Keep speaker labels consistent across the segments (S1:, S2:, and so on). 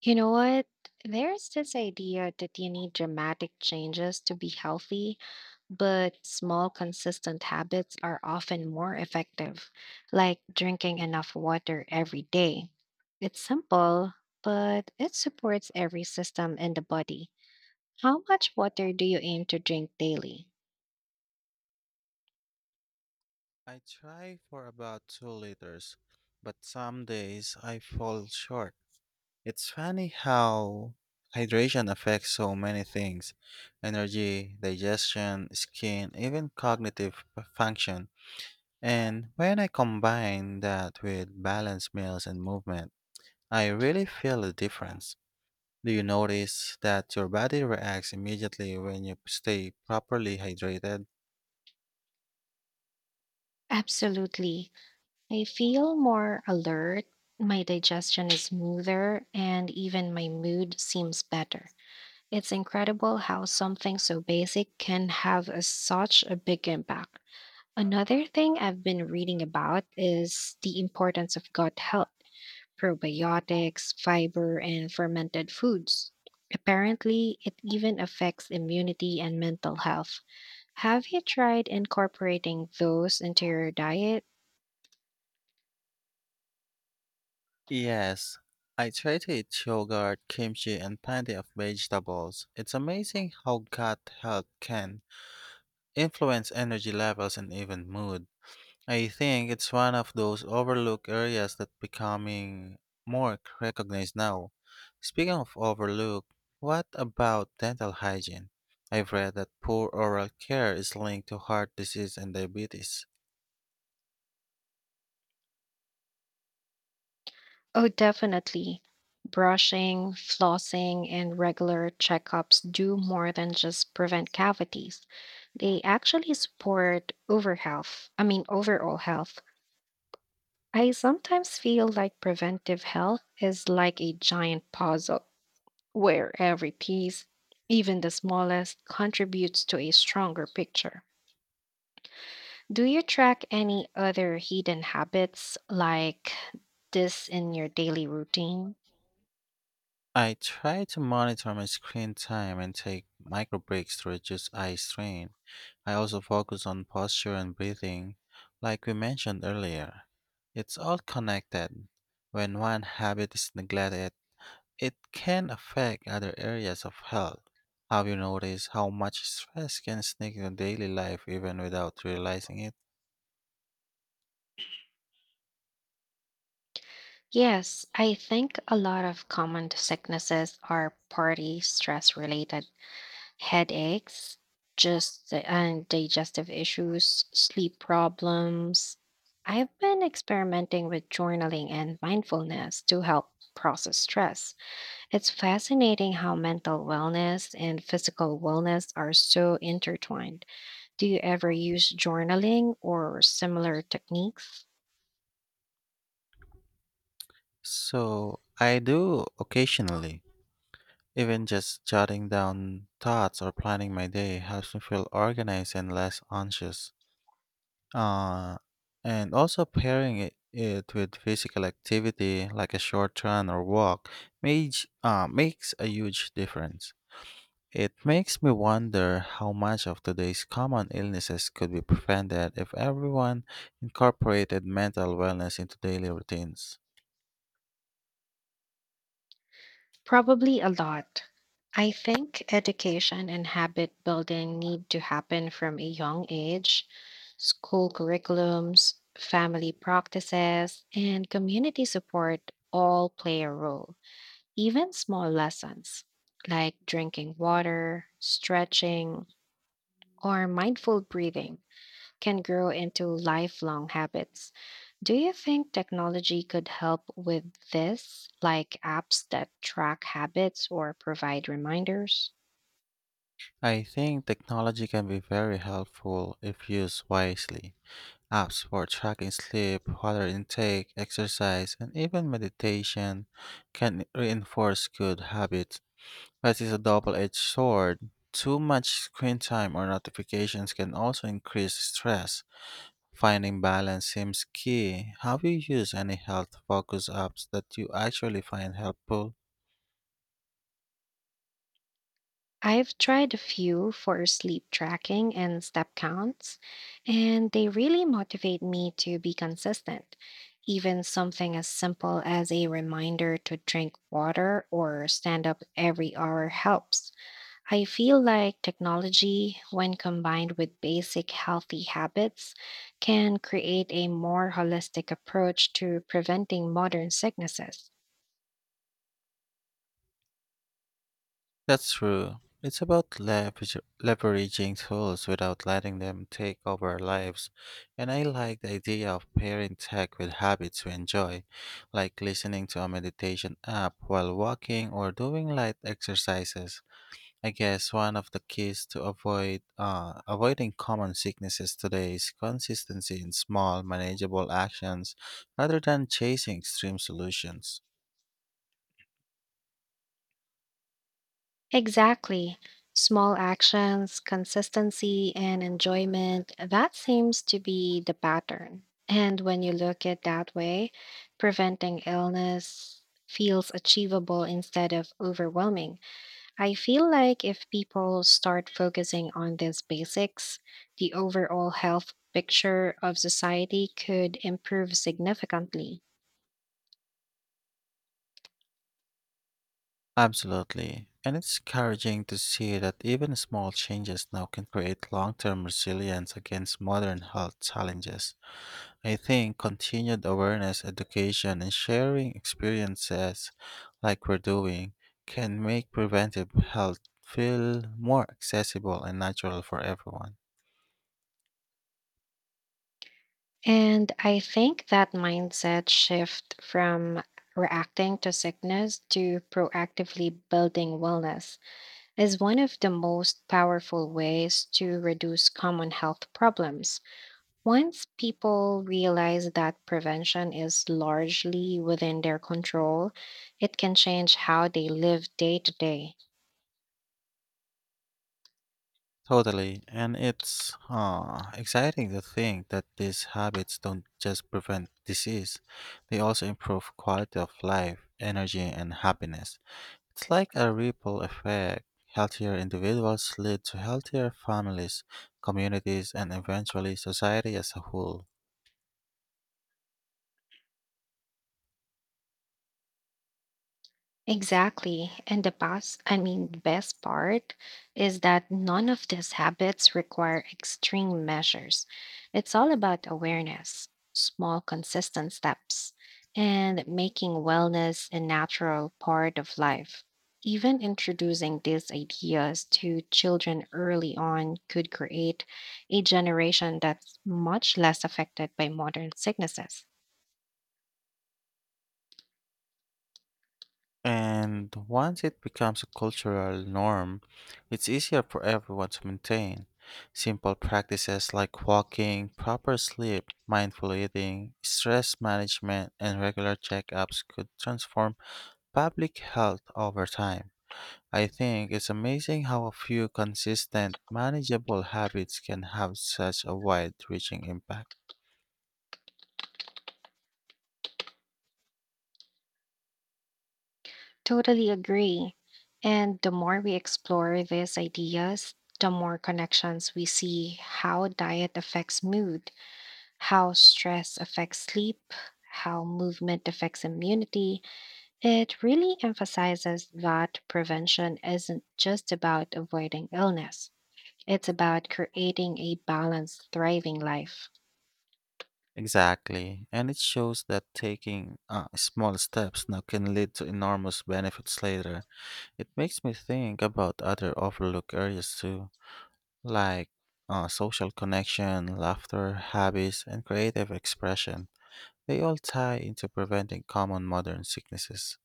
S1: You know what? There's this idea that you need dramatic changes to be healthy, but small, consistent habits are often more effective, like drinking enough water every day. It's simple, but it supports every system in the body. How much water do you aim to drink daily?
S2: I try for about 2 liters, but some days I fall short. It's funny how hydration affects so many things, energy, digestion, skin, even cognitive function. And when I combine that with balanced meals and movement, I really feel the difference. Do you notice that your body reacts immediately when you stay properly hydrated?
S1: Absolutely. I feel more alert, my digestion is smoother, and even my mood seems better. It's incredible how something so basic can have such a big impact. Another thing I've been reading about is the importance of gut health, probiotics, fiber, and fermented foods. Apparently, it even affects immunity and mental health. Have you tried incorporating those into your diet?
S2: Yes, I try to eat yogurt, kimchi, and plenty of vegetables. It's amazing how gut health can influence energy levels and even mood. I think it's one of those overlooked areas that becoming more recognized now. Speaking of overlooked, what about dental hygiene? I've read that poor oral care is linked to heart disease and diabetes.
S1: Oh, definitely. Brushing, flossing, and regular checkups do more than just prevent cavities. They actually support overall health. I sometimes feel like preventive health is like a giant puzzle where every piece, even the smallest, contributes to a stronger picture. Do you track any other hidden habits like this in your daily routine?
S2: I try to monitor my screen time and take micro breaks to reduce eye strain. I also focus on posture and breathing, like we mentioned earlier. It's all connected. When one habit is neglected, it can affect other areas of health. Have you noticed how much stress can sneak into daily life even without realizing it?
S1: Yes, I think a lot of common sicknesses are party stress related headaches, just and digestive issues, sleep problems. I've been experimenting with journaling and mindfulness to help process stress. It's fascinating how mental wellness and physical wellness are so intertwined. Do you ever use journaling or similar techniques?
S2: So, I do occasionally. Even just jotting down thoughts or planning my day helps me feel organized and less anxious. Uh, and also pairing it with physical activity like a short run or walk makes a huge difference. It makes me wonder how much of today's common illnesses could be prevented if everyone incorporated mental wellness into daily routines.
S1: Probably a lot. I think education and habit building need to happen from a young age. School curriculums, family practices, and community support all play a role. Even small lessons like drinking water, stretching, or mindful breathing can grow into lifelong habits. Do you think technology could help with this, like apps that track habits or provide reminders?
S2: I think technology can be very helpful if used wisely. Apps for tracking sleep, water intake, exercise, and even meditation can reinforce good habits, but it's a double edged sword. Too much screen time or notifications can also increase stress. Finding balance seems key. Have you used any health focus apps that you actually find helpful?
S1: I've tried a few for sleep tracking and step counts, and they really motivate me to be consistent. Even something as simple as a reminder to drink water or stand up every hour helps. I feel like technology, when combined with basic healthy habits, can create a more holistic approach to preventing modern sicknesses.
S2: That's true. It's about leveraging tools without letting them take over our lives. And I like the idea of pairing tech with habits we enjoy, like listening to a meditation app while walking or doing light exercises. I guess one of the keys to avoiding common sicknesses today is consistency in small, manageable actions rather than chasing extreme solutions.
S1: Exactly. Small actions, consistency, and enjoyment, that seems to be the pattern. And when you look at that way, preventing illness feels achievable instead of overwhelming. I feel like if people start focusing on these basics, the overall health picture of society could improve significantly.
S2: Absolutely. And it's encouraging to see that even small changes now can create long term resilience against modern health challenges. I think continued awareness, education, and sharing experiences like we're doing can make preventive health feel more accessible and natural for everyone.
S1: And I think that mindset shift from reacting to sickness to proactively building wellness is one of the most powerful ways to reduce common health problems. Once people realize that prevention is largely within their control, it can change how they live day to day.
S2: Totally. And it's exciting to think that these habits don't just prevent disease, they also improve quality of life, energy, and happiness. It's like a ripple effect. Healthier individuals lead to healthier families, communities, and eventually society as a whole.
S1: Exactly. And the best part is that none of these habits require extreme measures. It's all about awareness, small, consistent steps, and making wellness a natural part of life. Even introducing these ideas to children early on could create a generation that's much less affected by modern sicknesses.
S2: And once it becomes a cultural norm, it's easier for everyone to maintain. Simple practices like walking, proper sleep, mindful eating, stress management, and regular checkups could transform public health over time. I think it's amazing how a few consistent, manageable habits can have such a wide reaching impact.
S1: Totally agree. And the more we explore these ideas, the more connections we see how diet affects mood, how stress affects sleep, how movement affects immunity. It really emphasizes that prevention isn't just about avoiding illness, it's about creating a balanced, thriving life.
S2: Exactly. And it shows that taking small steps now can lead to enormous benefits later. It makes me think about other overlooked areas too, like social connection, laughter, hobbies, and creative expression. They all tie into preventing common modern sicknesses.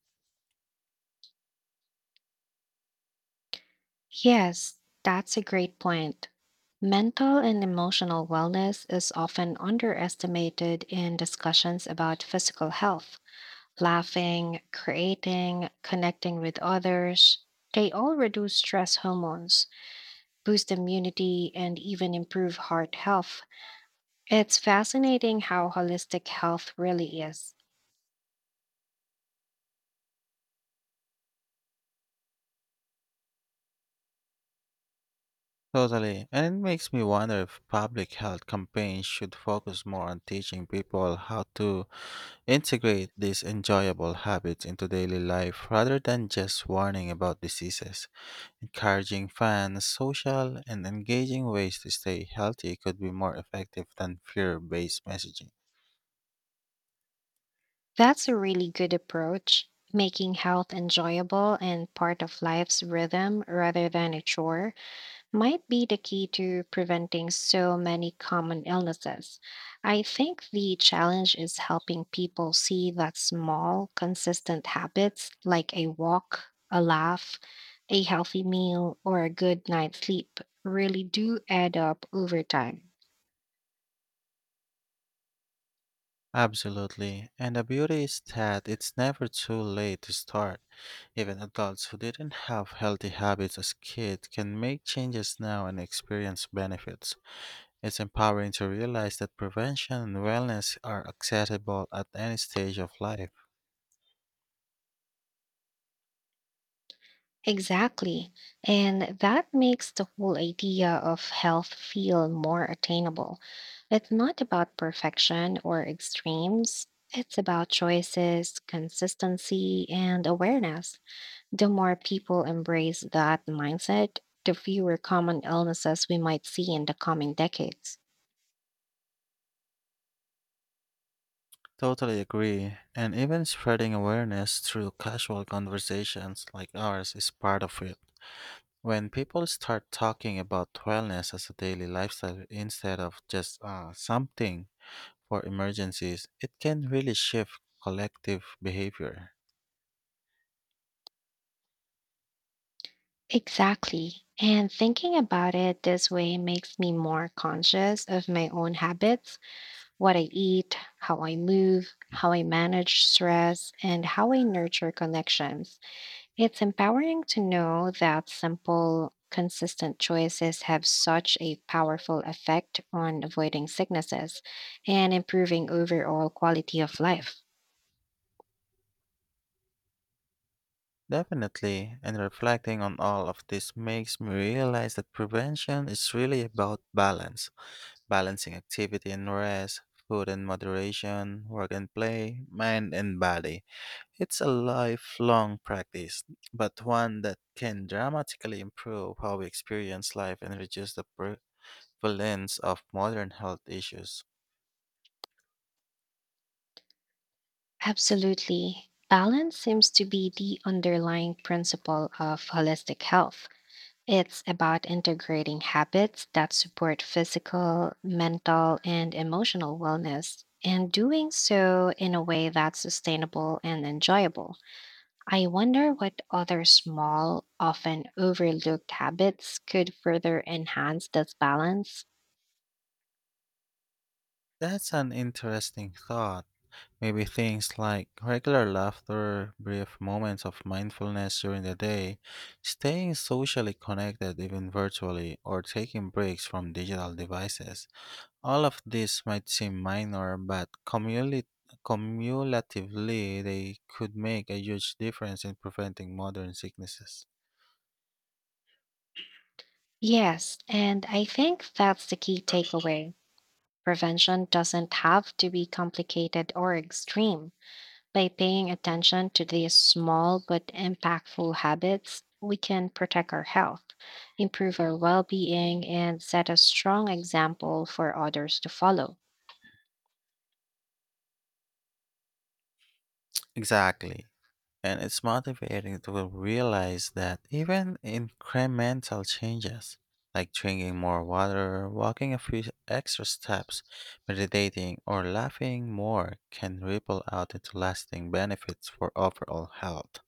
S1: Yes, that's a great point. Mental and emotional wellness is often underestimated in discussions about physical health. Laughing, creating, connecting with others, they all reduce stress hormones, boost immunity, and even improve heart health. It's fascinating how holistic health really is.
S2: Totally. And it makes me wonder if public health campaigns should focus more on teaching people how to integrate these enjoyable habits into daily life rather than just warning about diseases. Encouraging fun, social, and engaging ways to stay healthy could be more effective than fear based messaging.
S1: That's a really good approach, making health enjoyable and part of life's rhythm rather than a chore. Might be the key to preventing so many common illnesses. I think the challenge is helping people see that small, consistent habits like a walk, a laugh, a healthy meal, or a good night's sleep really do add up over time.
S2: Absolutely. And the beauty is that it's never too late to start. Even adults who didn't have healthy habits as kids can make changes now and experience benefits. It's empowering to realize that prevention and wellness are accessible at any stage of life.
S1: Exactly. And that makes the whole idea of health feel more attainable. It's not about perfection or extremes, it's about choices, consistency, and awareness. The more people embrace that mindset, the fewer common illnesses we might see in the coming decades.
S2: Totally agree. And even spreading awareness through casual conversations like ours is part of it. When people start talking about wellness as a daily lifestyle instead of just something for emergencies, it can really shift collective behavior.
S1: Exactly. And thinking about it this way makes me more conscious of my own habits what I eat, how I move, how I manage stress, and how I nurture connections. It's empowering to know that simple, consistent choices have such a powerful effect on avoiding sicknesses and improving overall quality of life.
S2: Definitely, and reflecting on all of this makes me realize that prevention is really about balance, balancing activity and rest, food and moderation, work and play, mind and body. It's a lifelong practice, but one that can dramatically improve how we experience life and reduce the prevalence of modern health issues.
S1: Absolutely. Balance seems to be the underlying principle of holistic health. It's about integrating habits that support physical, mental, and emotional wellness, and doing so in a way that's sustainable and enjoyable. I wonder what other small, often overlooked habits could further enhance this balance.
S2: That's an interesting thought. Maybe things like regular laughter, brief moments of mindfulness during the day, staying socially connected even virtually, or taking breaks from digital devices. All of this might seem minor, but cumulatively, they could make a huge difference in preventing modern sicknesses.
S1: Yes, and I think that's the key takeaway. Prevention doesn't have to be complicated or extreme. By paying attention to these small but impactful habits, we can protect our health, improve our well being, and set a strong example for others to follow.
S2: Exactly. And it's motivating to realize that even incremental changes, like drinking more water, walking a few extra steps, meditating, or laughing more, can ripple out into lasting benefits for overall health.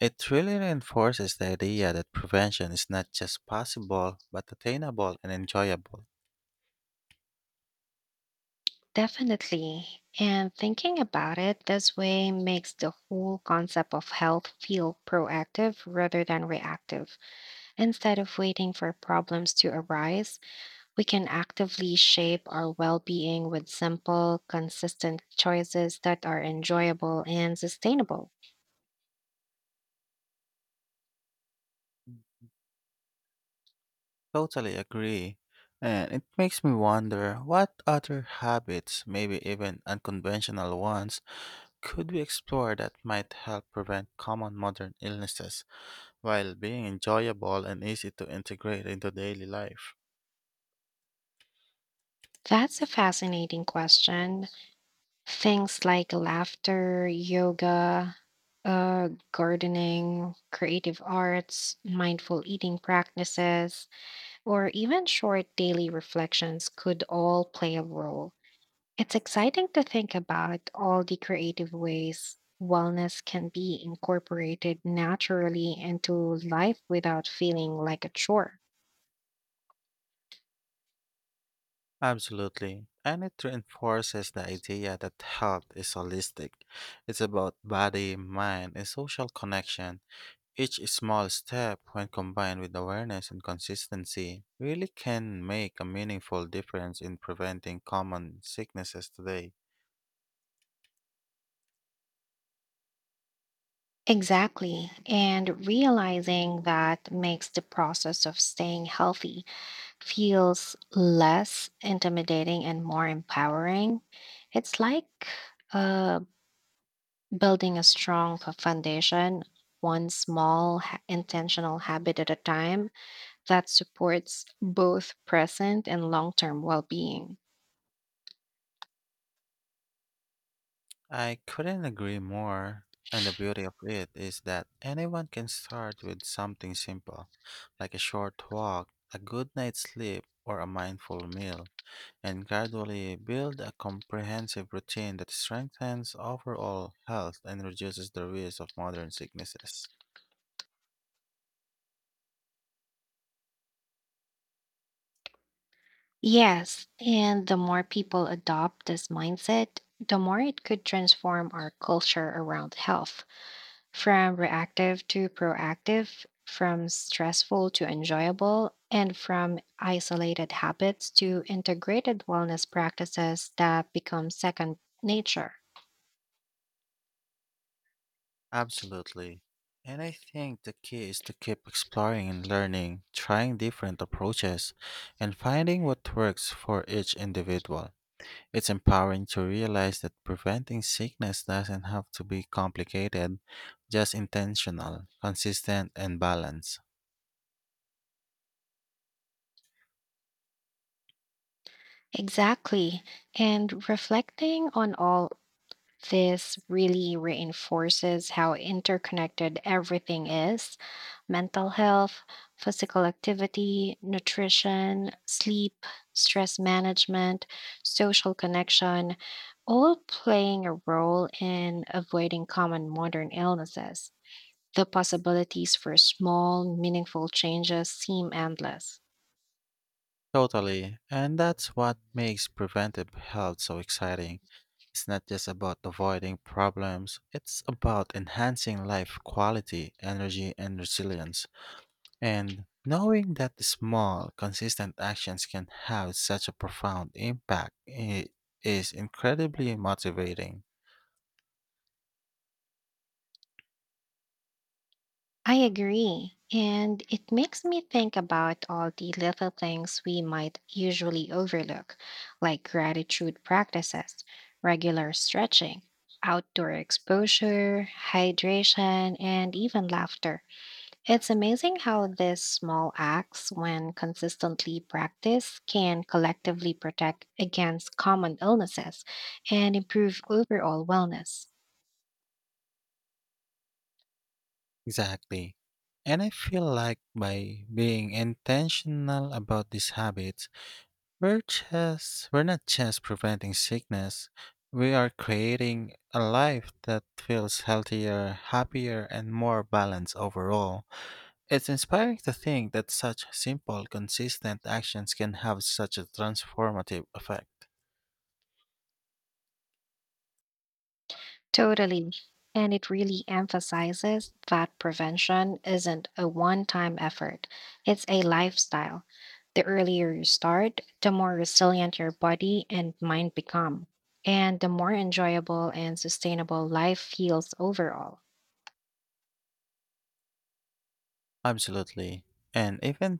S2: It really reinforces the idea that prevention is not just possible, but attainable and enjoyable.
S1: Definitely. And thinking about it this way makes the whole concept of health feel proactive rather than reactive. Instead of waiting for problems to arise, we can actively shape our well being with simple, consistent choices that are enjoyable and sustainable.
S2: Totally agree. And it makes me wonder what other habits, maybe even unconventional ones, could we explore that might help prevent common modern illnesses while being enjoyable and easy to integrate into daily life?
S1: That's a fascinating question. Things like laughter, yoga, gardening, creative arts, mindful eating practices, or even short daily reflections could all play a role. It's exciting to think about all the creative ways wellness can be incorporated naturally into life without feeling like a chore.
S2: Absolutely. And it reinforces the idea that health is holistic. It's about body, mind, and social connection. Each small step, when combined with awareness and consistency, really can make a meaningful difference in preventing common sicknesses today.
S1: Exactly. And realizing that makes the process of staying healthy feels less intimidating and more empowering. It's like uh, building a strong foundation, one small intentional habit at a time that supports both present and long term well being.
S2: I couldn't agree more. And the beauty of it is that anyone can start with something simple, like a short walk, a good night's sleep, or a mindful meal, and gradually build a comprehensive routine that strengthens overall health and reduces the risk of modern sicknesses.
S1: Yes, and the more people adopt this mindset, the more it could transform our culture around health from reactive to proactive, from stressful to enjoyable, and from isolated habits to integrated wellness practices that become second nature.
S2: Absolutely. And I think the key is to keep exploring and learning, trying different approaches, and finding what works for each individual. It's empowering to realize that preventing sickness doesn't have to be complicated, just intentional, consistent, and balanced.
S1: Exactly. And reflecting on all this really reinforces how interconnected everything is mental health, physical activity, nutrition, sleep, stress management, social connection, all playing a role in avoiding common modern illnesses. The possibilities for small, meaningful changes seem endless.
S2: Totally. And that's what makes preventive health so exciting. It's not just about avoiding problems, it's about enhancing life quality, energy, and resilience. And knowing that the small, consistent actions can have such a profound impact is incredibly motivating.
S1: I agree. And it makes me think about all the little things we might usually overlook, like gratitude practices, regular stretching, outdoor exposure, hydration, and even laughter. It's amazing how these small acts, when consistently practiced, can collectively protect against common illnesses and improve overall wellness.
S2: Exactly. And I feel like by being intentional about these habits, we're not just preventing sickness, we are creating a life that feels healthier, happier, and more balanced overall. It's inspiring to think that such simple, consistent actions can have such a transformative effect.
S1: Totally. And it really emphasizes that prevention isn't a one time effort, it's a lifestyle. The earlier you start, the more resilient your body and mind become, and the more enjoyable and sustainable life feels overall.
S2: Absolutely. And even